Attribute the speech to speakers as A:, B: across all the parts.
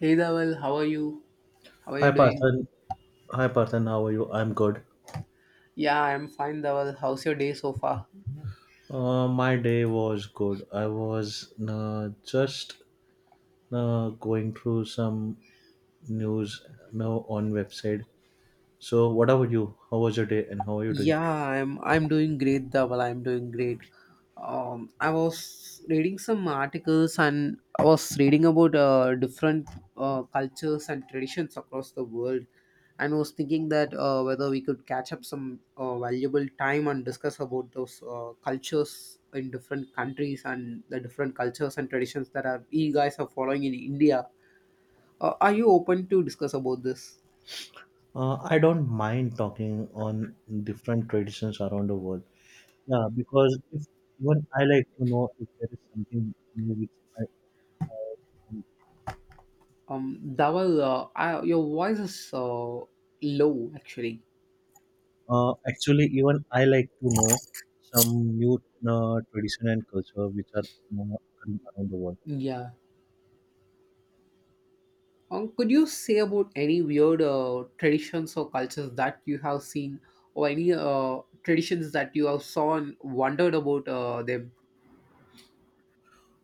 A: Hey Dawal, how are you? How are
B: Hi
A: you doing?
B: Parthan. Hi Parthan, how are you? I'm good.
A: Yeah, I'm fine, Dawal. How's your day so far?
B: My day was good. I was just going through some news now on website. So what about you? How was your day and how are you doing?
A: Yeah, I'm doing great, Dawal. I'm doing great. I was reading some articles and I was reading about different cultures and traditions across the world, and was thinking that whether we could catch up some valuable time and discuss about those cultures in different countries and the different cultures and traditions that are you guys are following in India. Are you open to discuss about this?
B: I don't mind talking on different traditions around the world. Yeah, because if even I like to know if there is something new which I, I,
A: Dawal, your voice is low actually.
B: Actually, even I like to know some new tradition and culture which are occurring around the world.
A: Yeah. Could you say about any weird traditions or cultures that you have seen, or any traditions that you have saw and wondered about them?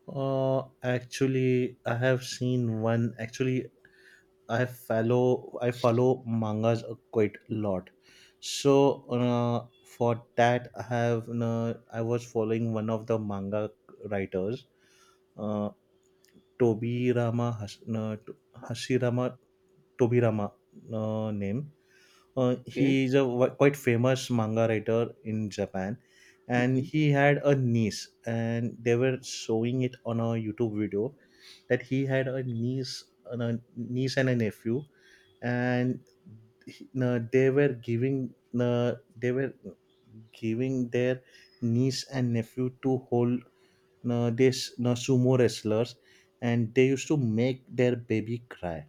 B: Actually, I have seen one. Actually, I follow mangas a quite a lot. So for that, I was following one of the manga writers, uh, Tobi Rama Has, Hashirama Tobi Rama name.
A: Okay.
B: He is a quite famous manga writer in Japan, and
A: Okay.
B: he had a niece, and they were showing it on a YouTube video that he had a niece, and a niece and a nephew, and they were giving uh, they were their niece and nephew to hold this sumo wrestlers, and they used to make their baby cry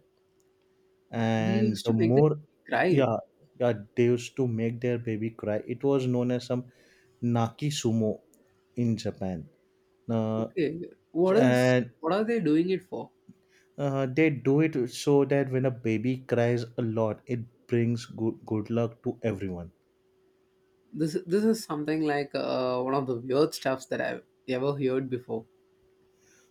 A: They
B: and
A: used
B: the
A: to make them
B: more.
A: cry.
B: Yeah, yeah, they used to make their baby cry. It was known as some naki sumo in Japan. uh,
A: Okay. What is
B: and
A: what are they doing it for?
B: they do it so that when a baby cries a lot it brings good luck to everyone.
A: This is something like one of the weird stuffs that I've ever heard before.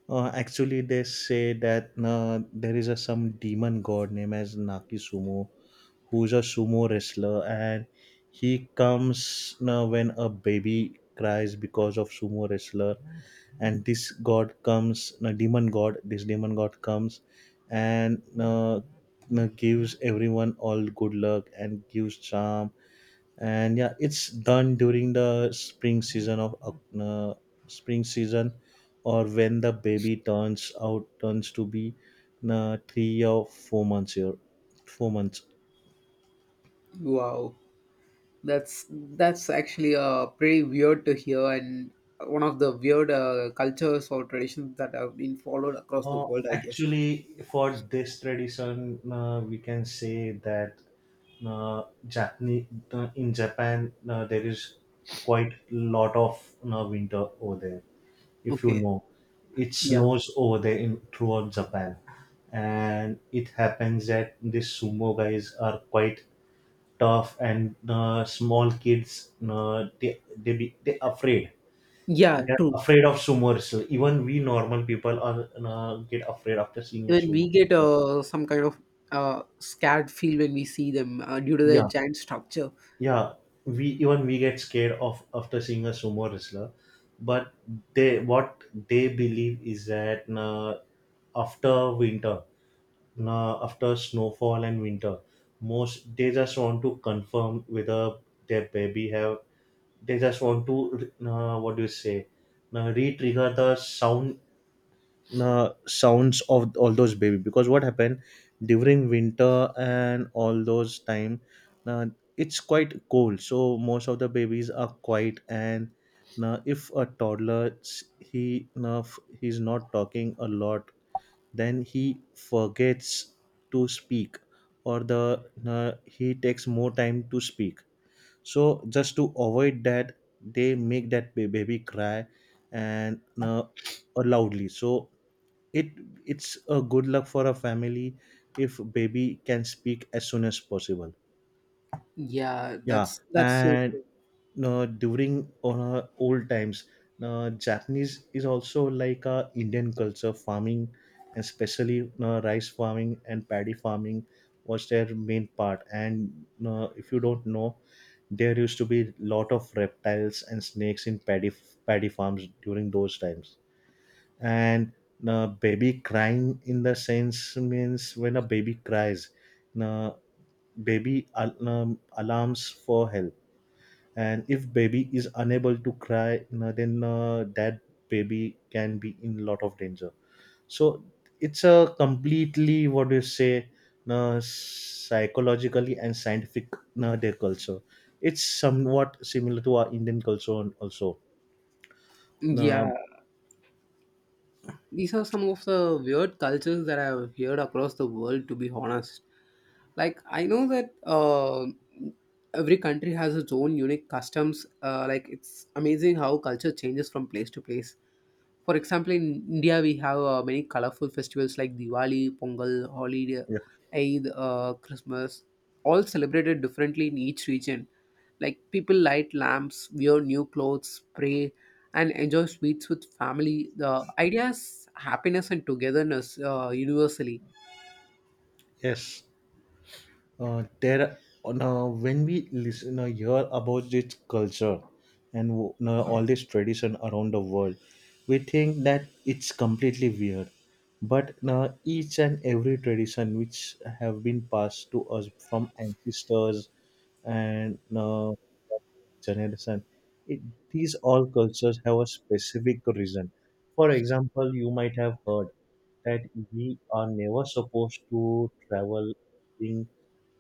B: Actually, they say that there is a some demon god named as naki sumo, who's a sumo wrestler, and he comes now when a baby cries because of sumo wrestler, and this god comes, a demon god. This demon god comes, and gives everyone all good luck and gives charm. And yeah, it's done during the spring season of spring season, or when the baby turns to be 3 or 4 months here, 4 months.
A: Wow. That's actually pretty weird to hear, and one of the weird cultures or traditions that have been followed across the
B: Uh,
A: world, I guess.
B: Actually, for this tradition, we can say that uh, Japanese, in Japan, there is quite lot of winter over there. If you
A: Okay.
B: know, it
A: Yeah.
B: snows over there in throughout Japan, and it happens that these sumo guys are quite tough, and small kids, uh,
A: Yeah.
B: they're
A: True.
B: afraid of swimmers. Even we normal people are get afraid after seeing a
A: Even
B: sumo
A: we get
B: wrestler.
A: some kind of scared feel when we see them due to the
B: Yeah,
A: giant structure.
B: yeah. We get scared of after seeing a sumo wrestler, but they what they believe is that after winter, after snowfall and winter, most they just want to confirm whether their baby have. They just want to what do you say, re-trigger the sounds of all those baby, because what happened during winter and all those time uh, it's quite cold, so most of the babies are quiet and if a toddler he's not talking a lot, then he forgets to speak, or the he takes more time to speak. So just to avoid that they make that baby cry and loudly, so it it's a good luck for a family if baby can speak as soon as possible.
A: Yeah.
B: Yeah,
A: That's so
B: and
A: true.
B: during old times Japanese is also like a Indian culture farming, especially rice farming and paddy farming was their main part. And if you don't know, there used to be lot of reptiles and snakes in paddy farms during those times. And the baby crying in the sense means when a baby cries the baby alarms for help, and if baby is unable to cry na, then that baby can be in lot of danger. So it's a completely, what do you say, na, psychologically and scientific na, their culture. It's somewhat similar to our Indian culture also. Na,
A: Yeah. These are some of the weird cultures that I've heard across the world, to be honest. Like I know that every country has its own unique customs, like it's amazing how culture changes from place to place. For example, in India we have many colorful festivals like Diwali, Pongal, Holi,
B: yeah,
A: Eid, Christmas, all celebrated differently in each region. Like people light lamps, wear new clothes, pray, and enjoy sweets with family. The idea is happiness and togetherness, universally.
B: yes, there now when we listen hear about this culture and now all this tradition around the world we think that it's completely weird, but now each and every tradition which have been passed to us from ancestors and now generation, it, these all cultures have a specific reason. For example, you might have heard that we are never supposed to travel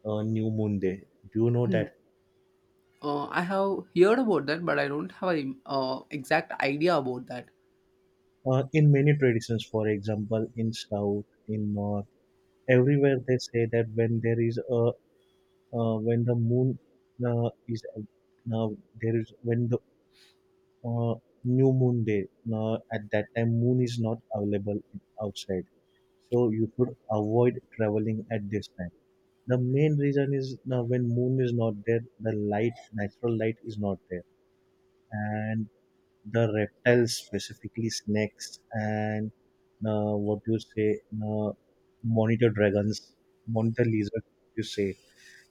B: New Moon Day. Do you know
A: Hmm.
B: that?
A: I have heard about that, but I don't have an exact idea about that.
B: In many traditions, for example, in South, in North, everywhere they say that when there is a when the moon is now there is when the uh, New Moon Day, at that time moon is not available outside, so you should avoid traveling at this time. The main reason is now when moon is not there, the light, natural light is not there, and the reptiles, specifically snakes, and what do you say, monitor dragons, monitor lizards, you say,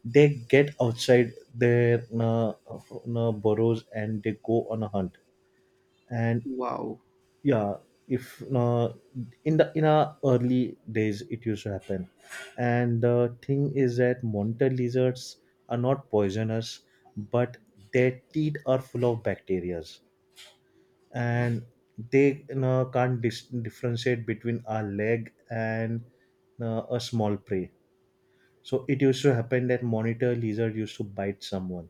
B: they get outside their burrows and they go on a hunt. And
A: Wow,
B: yeah, if in our early days it used to happen, and the thing is that monitor lizards are not poisonous, but their teeth are full of bacteria, and they, you know, can't differentiate between a leg and a small prey. So it used to happen that monitor lizard used to bite someone,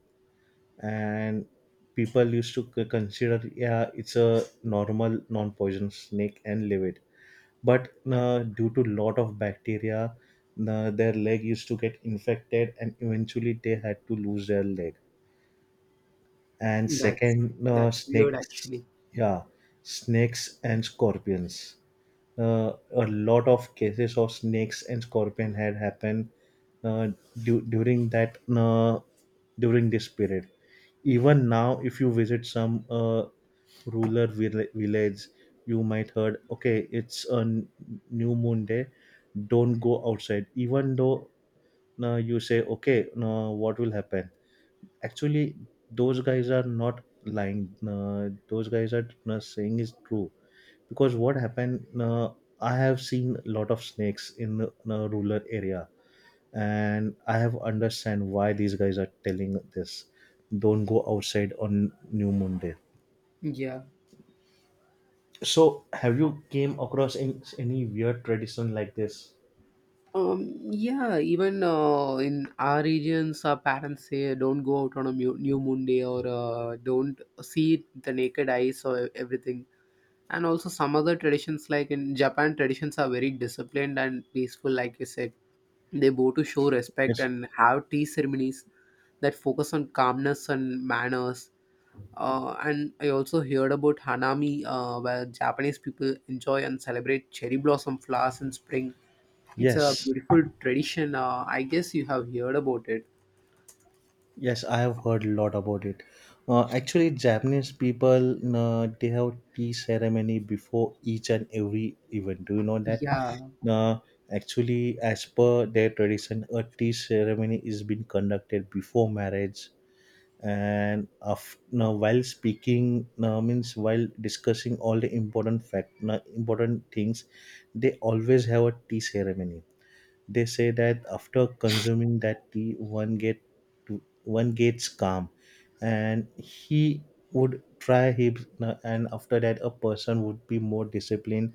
B: and people used to consider yeah it's a normal non-poison snake and leave it. But due to lot of bacteria, their leg used to get infected, and eventually they had to lose their leg. And
A: that's
B: second,
A: that's weird
B: snakes,
A: actually.
B: yeah, snakes and scorpions, a lot of cases of snakes and scorpion had happened uh, du- during that uh, during this period. Even now, if you visit some rural village, you might heard, okay, it's a new moon day, don't go outside. Even though you say, okay, no, what will happen? Actually those guys are not lying, those guys are saying is true, because what happened I have seen a lot of snakes in a rural area and I have understand why these guys are telling this don't go outside on new moon day.
A: Yeah.
B: So have you came across any weird tradition like this?
A: Yeah, even in our regions, our parents say don't go out on a new moon day, or don't see it with the naked eyes or everything. And also, some other traditions, like in Japan, traditions are very disciplined and peaceful, like you said. They bow to show respect
B: Yes,
A: and have tea ceremonies that focus on calmness and manners. And I also heard about Hanami, where Japanese people enjoy and celebrate cherry blossom flowers in spring. It's a
B: yes.
A: beautiful tradition. I guess you have heard about it.
B: Yes, I have heard a lot about it. Actually, Japanese people they have tea ceremony before each and every event. Do you know that?
A: Yeah,
B: Uh, Actually, as per their tradition, a tea ceremony is being conducted before marriage and after, while speaking means while discussing all the important things, they always have a tea ceremony. They say that after consuming that tea, one one gets calm, and he would try his, and after that a person would be more disciplined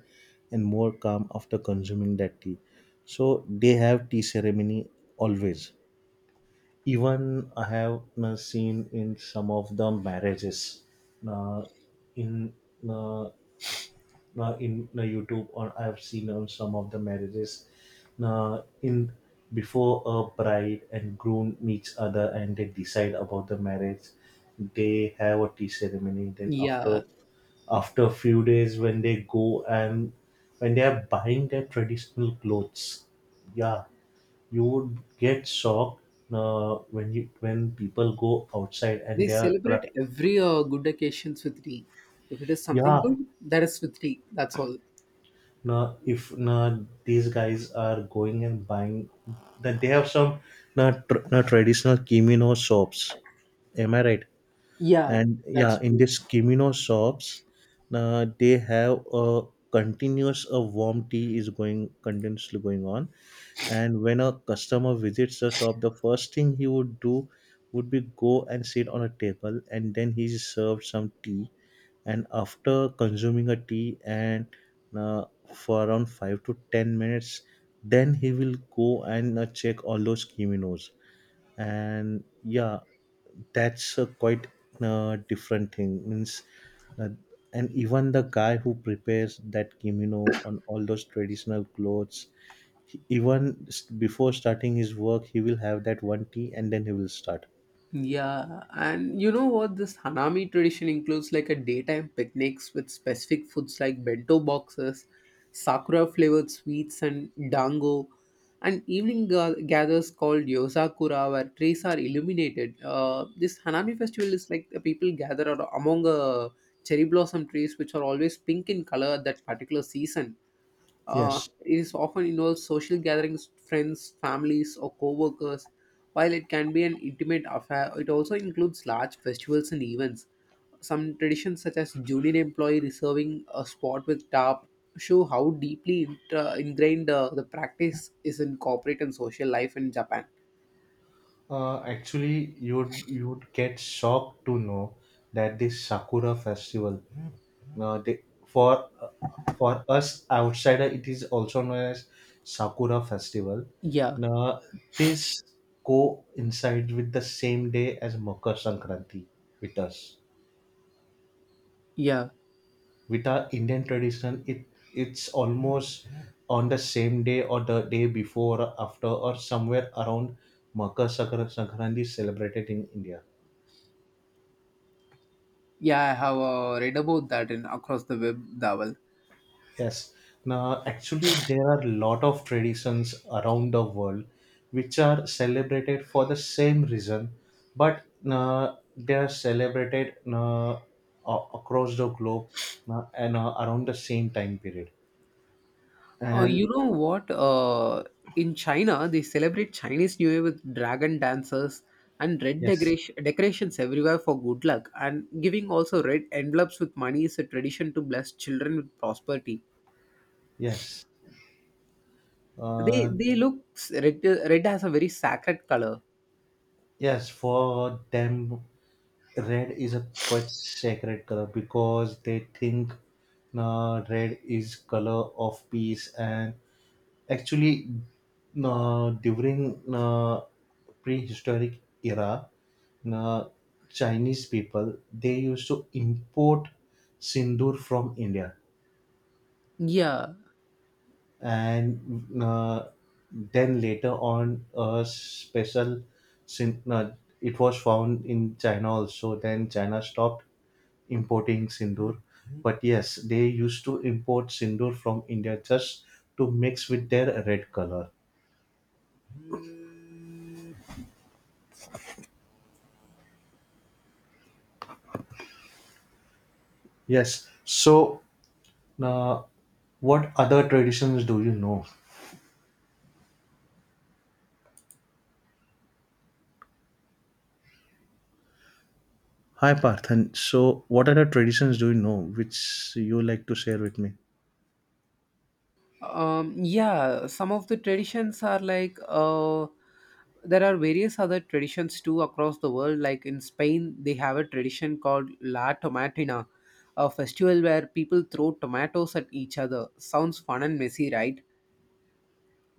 B: and more calm after consuming that tea. So they have tea ceremony always. Even I have seen in some of the marriages, uh, in uh, now in now YouTube, or I've seen on some of the marriages now in before a bride and groom meets other and they decide about the marriage, they have a tea ceremony then after,
A: yeah.
B: after a few days when they go and when they are buying their traditional clothes, yeah, you would get shocked when you when people go outside and
A: They
B: they are
A: celebrate every good occasions with tea. If it is something
B: yeah
A: good, that is with tea. That's all.
B: now if now these guys are going and buying that they have some now now traditional kimono shops, am I right?
A: Yeah,
B: And
A: that's
B: yeah, in
A: true.
B: these kimino shops they have a continuous, a warm tea is going continuously going on, and when a customer visits the shop the first thing he would do would be go and sit on a table, and then he is served some tea, and after consuming a tea and uh, for around 5 to 10 minutes, then he will go and check all those kimonos. And yeah, that's a quite different thing, means uh, and even the guy who prepares that kimono on all those traditional clothes, he, even before starting his work he will have that one tea and then he will start.
A: Yeah, and you know what? This Hanami tradition includes like a daytime picnics with specific foods like bento boxes, sakura flavored sweets, and dango, and evening gathers called yosakura where trees are illuminated. This Hanami festival is like the people gather among cherry blossom trees, which are always pink in color at that particular season. Uh,
B: Yes,
A: it is often involves social gatherings, friends, families, or co-workers. While it can be an intimate affair, it also includes large festivals and events. Some traditions, such as junior employee reserving a spot with TARP, show how deeply ingrained the practice is in corporate and social life in Japan.
B: actually you would get shocked to know that this sakura festival. They, for us outsider, it is also known as Sakura Festival.
A: Yeah,
B: Now, this coincides with the same day as Makar Sankranti with us.
A: yeah,
B: With our Indian tradition, it it's almost on the same day or the day before, or after, or somewhere around Makar Sankranti is celebrated in India.
A: yeah. I have read about that in across the web, Dawal.
B: Yes. Now, actually, there are a lot of traditions around the world which are celebrated for the same reason, but they are celebrated across the globe and around the same time period.
A: Uh,
B: And
A: you know what? In China, they celebrate Chinese New Year with dragon dancers and
B: yes,
A: decorations everywhere for good luck. And giving also red envelopes with money is a tradition to bless children with prosperity.
B: yes, uh,
A: They look red. Red has a very sacred color.
B: yes, for them, red is a quite sacred color, because they think red is color of peace and actually, during prehistoric era, uh, Chinese people they used to import sindoor from India,
A: Yeah.
B: and then later on a special sin- uh, it was found in China also. Then China stopped importing sindoor, but yes, they used to import sindoor from India just to mix with their red color. Yes, so now, what other traditions do you know? Hi Parthan. So, what other traditions do you know which you like to share with me?
A: Yeah, some of the traditions are like there are various other traditions too across the world. Like in Spain, they have a tradition called La Tomatina, a festival where people throw tomatoes at each other. Sounds fun and messy, right?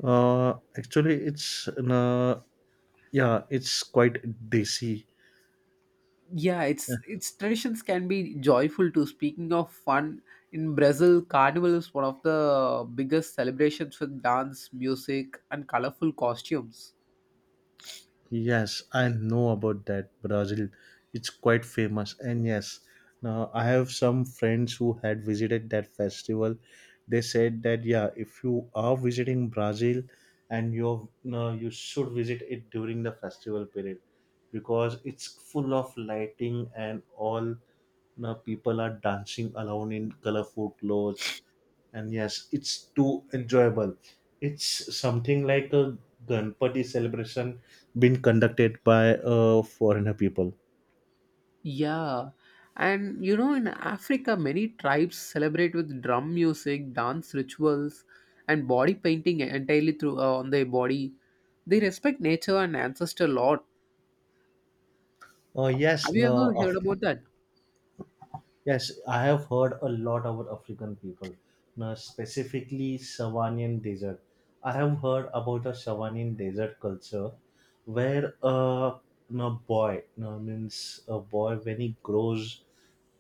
B: Actually, it's yeah, it's quite desi.
A: Yeah, its traditions can be joyful too. Speaking of fun, in Brazil, Carnival is one of the biggest celebrations with dance, music, and colorful costumes.
B: Yes, I know about that Brazil. It's quite famous. And yes, now I have some friends who had visited that festival. They said that yeah, if you are visiting Brazil and you're no, you should visit it during the festival period because it's full of lighting and all, now people are dancing around in colorful clothes, and yes, it's too enjoyable. It's something like a Ganpati celebration being conducted by foreigner people.
A: Yeah, and you know, in Africa, many tribes celebrate with drum music, dance rituals, and body painting entirely through on their body. They respect nature and ancestor a lot.
B: Oh yes,
A: Have you
B: no,
A: ever
B: of—
A: heard about that?
B: yes, I have heard a lot about African people, now specifically Savannian desert. I have heard about a Savannian desert culture where a no boy, no means a boy when he grows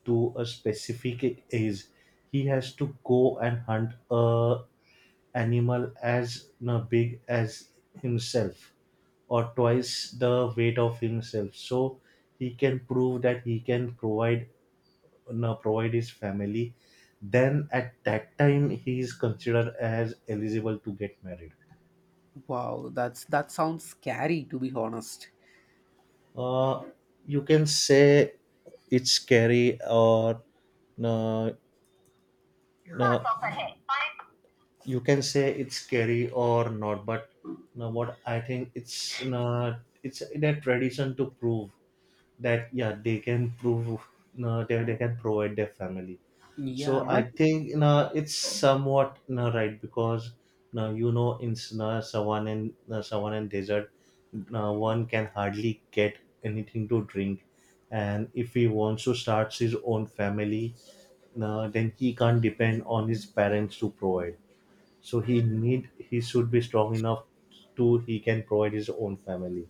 B: to a specific age, he has to go and hunt a animal as no big as himself, or twice the weight of himself, so he can prove that he can provide, now provide his family. Then at that time he is considered as eligible to get married.
A: Wow, that's that sounds scary, to be honest.
B: uh, you can say it's scary or no, no, you can say it's scary or not, but no, what I think it's no, it's their tradition to prove that yeah they can prove, no, they can provide their family. So
A: Yeah, but
B: I think you know it's somewhat you know, right, because you know in you know, savanna, and you know, savanna and desert, you know, one can hardly get anything to drink, and if he wants to start his own family, you know, then he can't depend on his parents to provide. So he need he should be strong enough to he can provide his own family.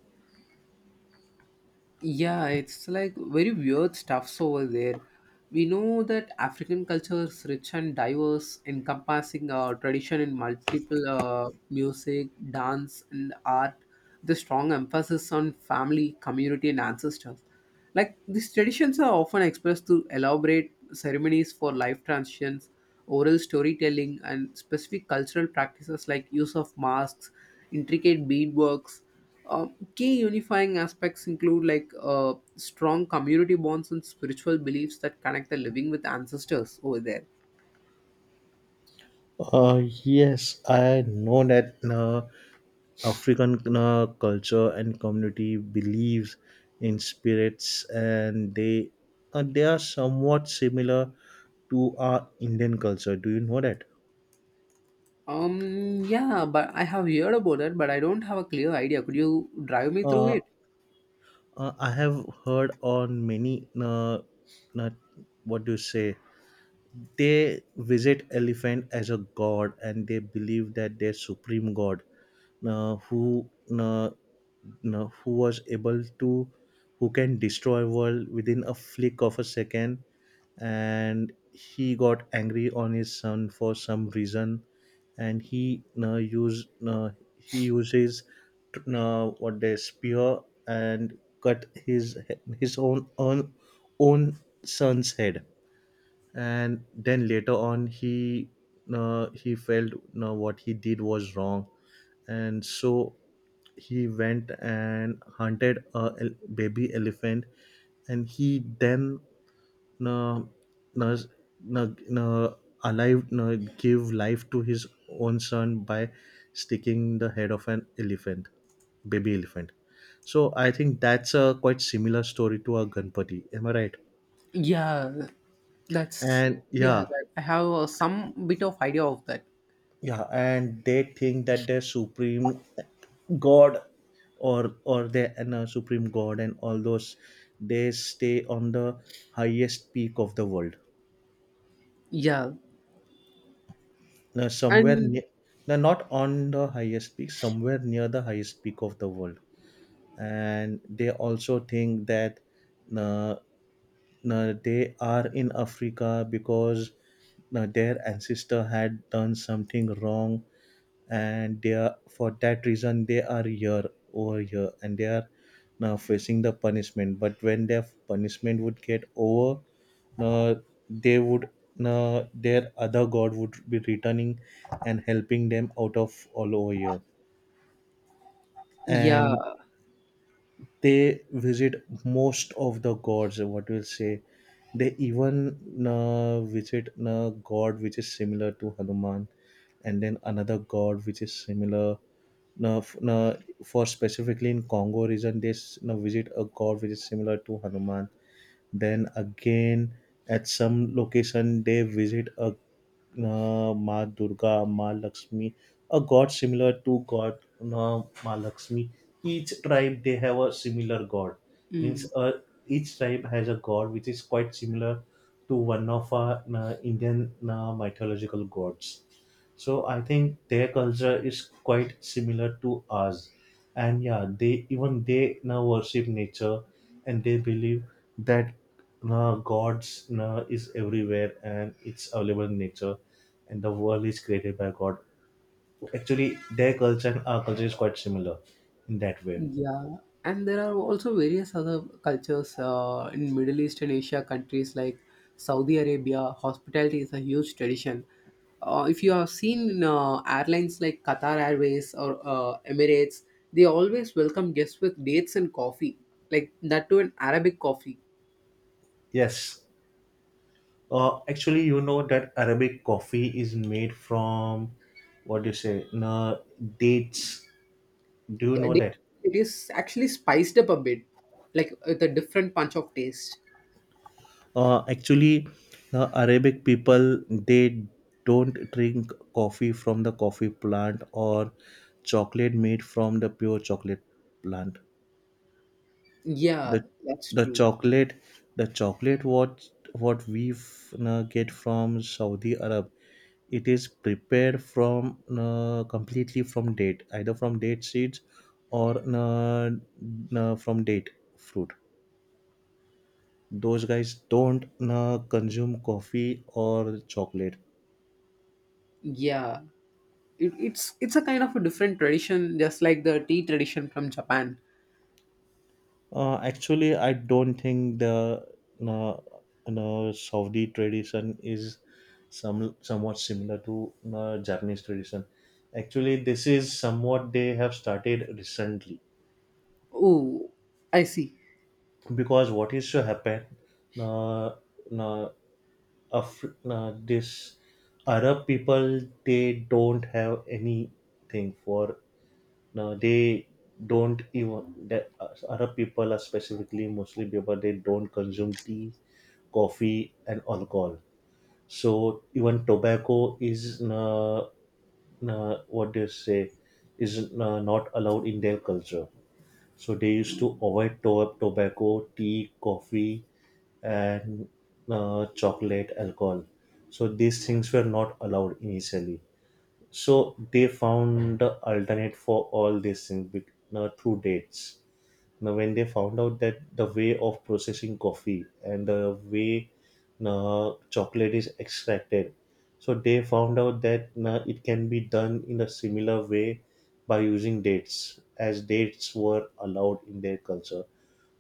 A: yeah, it's like very weird stuffs over there. We know that African culture is rich and diverse, encompassing tradition in multiple music, dance, and art. The strong emphasis on family, community, and ancestors. Like these traditions are often expressed through elaborate ceremonies for life transitions, oral storytelling, and specific cultural practices like use of masks, intricate beadworks, um, key unifying aspects include like strong community bonds and spiritual beliefs that connect the living with ancestors over there.
B: Yes, I know that. African culture and community believes in spirits, and they are somewhat similar to our Indian culture. Do you know that?
A: Yeah, but I have heard about it, but I don't have a clear idea. Could you drive me through
B: Uh,
A: it?
B: I have heard on many uh, what do you say, they visit elephant as a god, and they believe that their supreme god, uh, who uh, who was able to, who can destroy world within a flick of a second, and he got angry on his son for some reason, and he used he uses what, the spear, and cut his his own own, own son's head. And then later on he felt no what he did was wrong, and so he went and hunted a baby elephant, and he then uh, uh, uh, uh, alive, give life to his own son by sticking the head of an elephant, baby elephant. So I think that's a quite similar story to our Ganpati, am I right?
A: Yeah, that's
B: And
A: yeah.
B: yeah,
A: That, I have some bit of idea of that.
B: yeah, and they think that they're supreme god or the and a supreme god and all those, they stay on the highest peak of the world,
A: Yeah,
B: now somewhere
A: and
B: near, no, not on the highest peak, somewhere near the highest peak of the world. And they also think that uh, they are in Africa because their ancestor had done something wrong, and they are, for that reason they are here over here, and they are now facing the punishment. But when their punishment would get over, uh, they would their other god would be returning and helping them out of all over here.
A: yeah.
B: And they visit most of the gods, what we'll say, they even visit a god which is similar to Hanuman, and then another god which is similar, now, now for specifically in Congo region, they now visit a god which is similar to Hanuman, then again at some location they visit a Ma Durga, Ma Lakshmi, a god similar to god, Ma Lakshmi. Each tribe they have a similar god, means, each tribe has a god which is quite similar to one of our Indian mythological gods. So I think their culture is quite similar to ours, and yeah, they even they now worship nature, and they believe that God's is everywhere and it's available in nature, and the world is created by God. Actually, their culture and our culture is quite similar in that way.
A: Yeah, and there are also various other cultures in Middle East and Asia countries like Saudi Arabia. Hospitality is a huge tradition. If you have seen airlines like Qatar Airways or Emirates, they always welcome guests with dates and coffee, like that to an Arabic coffee.
B: Yes. Actually, you know that Arabic coffee is made from, what do you say? Dates. Do you know
A: And It
B: that?
A: it is actually spiced up a bit, like with a different punch of taste.
B: Actually, the Arabic people they don't drink coffee from the coffee plant, or chocolate made from the pure chocolate plant.
A: Yeah,
B: the
A: that's
B: the
A: true.
B: chocolate, the chocolate, what, what we get from Saudi Arab, it is prepared from completely from date, either from date seeds or from date fruit. Those guys don't consume coffee or chocolate.
A: Yeah, it's a kind of a different tradition just like the tea tradition from Japan.
B: Actually, I don't think the no, no, Saudi tradition is somewhat similar to Japanese tradition. Actually, this is somewhat they have started recently,
A: Oh, I see.
B: because what is to happen? Uh, uh, Af- this Arab people, they don't have anything for. Now they don't even that Arab people are specifically Muslim people. They don't consume tea, coffee, and alcohol. So even tobacco is what do you say, is not allowed in their culture. So they used to avoid tobacco, tea, coffee, and chocolate, alcohol. So these things were not allowed initially. So they found the alternate for all these things through dates. Now, when they found out that the way of processing coffee and the way chocolate is extracted, so they found out that it can be done in a similar way by using dates, as dates were allowed in their culture.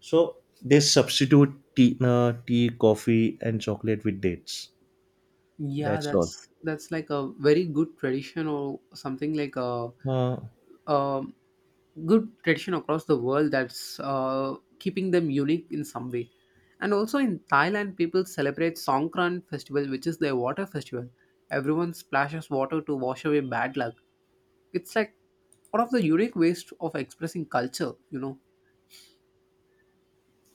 B: So they substitute tea, coffee, and chocolate with dates.
A: Yeah,
B: That's all.
A: that's like a very good tradition or something like a,
B: Uh,
A: um good tradition across the world that's keeping them unique in some way. And also in Thailand, people celebrate Songkran festival, which is their water festival. Everyone splashes water to wash away bad luck. It's like one of the unique ways of expressing culture, you know.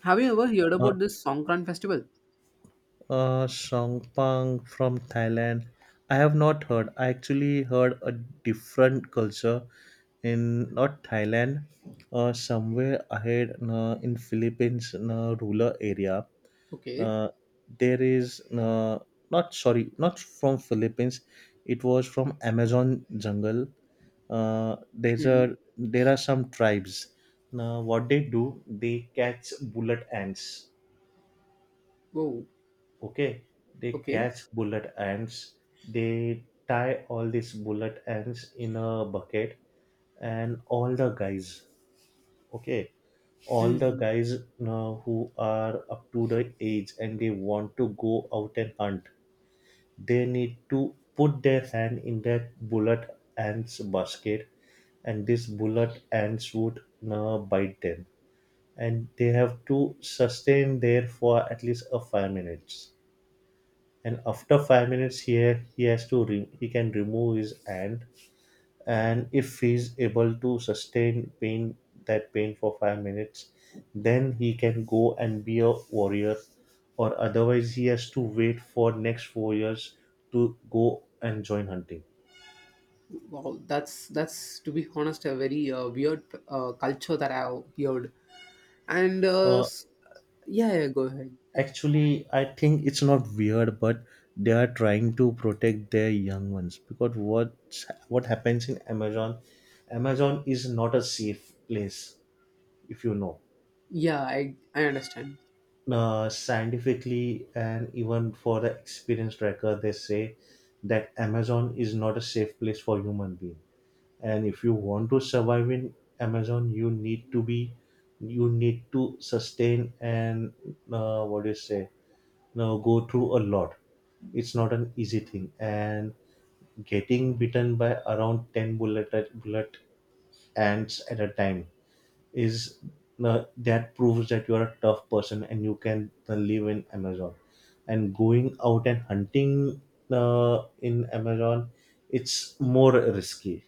A: Have you ever heard
B: uh,
A: about this Songkran festival?
B: Songpang from Thailand. I have not heard. I actually heard a different culture in, not Thailand, somewhere ahead in Philippines rural area.
A: Okay.
B: Uh, there is not, sorry, not from Philippines. It was from Amazon jungle.
A: Hmm.
B: There are some tribes. Now what they do, they catch bullet ants.
A: Oh,
B: Okay, they
A: okay.
B: catch bullet ants. They tie all these bullet ants in a bucket, and all the guys, okay, all the
A: Hmm.
B: guys who are up to the age and they want to go out and hunt, they need to put their hand in that bullet ants basket, and these bullet ants would bite them. And they have to sustain there for at least a 5 minutes, and after 5 minutes here he has to he can remove his hand, and if he's able to sustain pain, that pain for 5 minutes, then he can go and be a warrior, or otherwise he has to wait for next 4 years to go and join hunting.
A: Wow, that's to be honest a very weird culture that I've heard. And
B: uh,
A: yeah, yeah, go ahead.
B: Actually, I think it's not weird, but they are trying to protect their young ones, because what happens in Amazon, Amazon is not a safe place, if you know.
A: Yeah, I understand.
B: Scientifically, and even for the experienced tracker, they say that Amazon is not a safe place for human being. And if you want to survive in Amazon, you need to sustain and what do you say, now go through a lot. It's not an easy thing. And getting bitten by around ten bullet ants at a time is that proves that you are a tough person and you can live in Amazon. And going out and hunting in Amazon, it's more risky.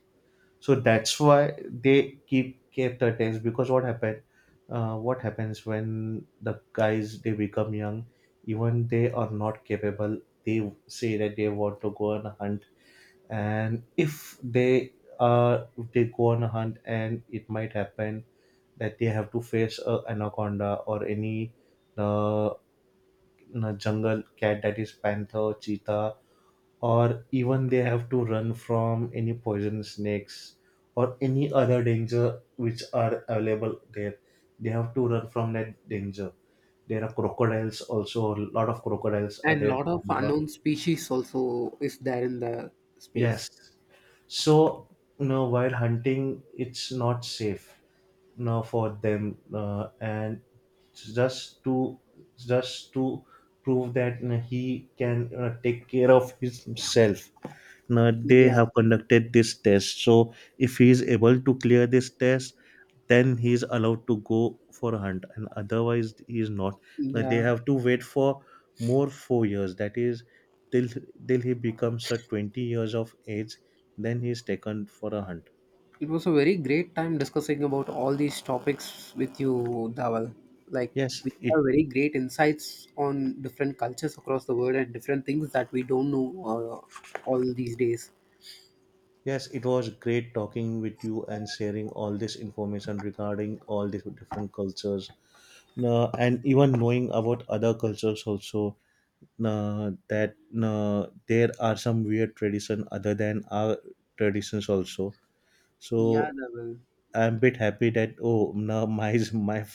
B: So that's why they keep kept the tanks, because what happened? What happens when the guys they become young? Even they are not capable. They say that they want to go on a hunt, and if they go on a hunt, and it might happen that they have to face a anaconda or any uh, you jungle cat, that is panther, cheetah, or even they have to run from any poisonous snakes or any other danger which are available there. They have to run from that danger. There are crocodiles also. A lot of crocodiles are
A: And
B: there in
A: lot of
B: Amazon.
A: unknown species also is there in the
B: Yes.
A: space.
B: So, you know, while hunting, it's not safe for them, uh, and just to just to prove that he can take care of himself. Now, they
A: Yeah,
B: have conducted this test, so if he is able to clear this test then he is allowed to go for a hunt, and otherwise he is not. Now, they
A: yeah.
B: have to wait for more 4 years, that is till till he becomes a 20 years of age, then he is taken for a hunt.
A: It was a very great time discussing about all these topics with you, Dawal. Like
B: Yes,
A: we
B: it—
A: have very great insights on different cultures across the world and different things that we don't know uh, all these days.
B: yes, it was great talking with you and sharing all this information regarding all these different cultures, and even knowing about other cultures also. That There are some weird tradition other than our traditions also.
A: Yeah,
B: So
A: Dawal.
B: I'm bit happy that oh, no, my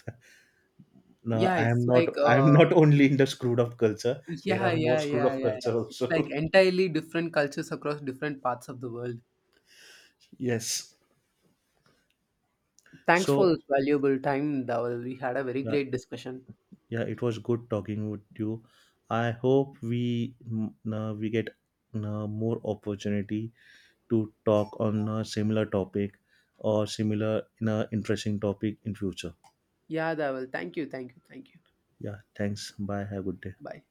B: no,
A: Yeah,
B: I am
A: it's
B: not,
A: like
B: I am not only in the screwed up culture. There
A: yeah,
B: are more
A: yeah,
B: screwed
A: yeah,
B: up
A: yeah, yeah.
B: culture
A: It's like
B: also.
A: entirely different cultures across different parts of the world.
B: Yes.
A: Thanks for
B: So.
A: this valuable time, Dawal. We had a very
B: Yeah.
A: great discussion.
B: Yeah, it was good talking with you. I hope we we get more opportunity to talk on a similar topic or similar in a interesting topic in future.
A: Yeah, Dawal. Thank you, thank you, thank you.
B: Yeah, thanks. Bye. Have a good day.
A: Bye.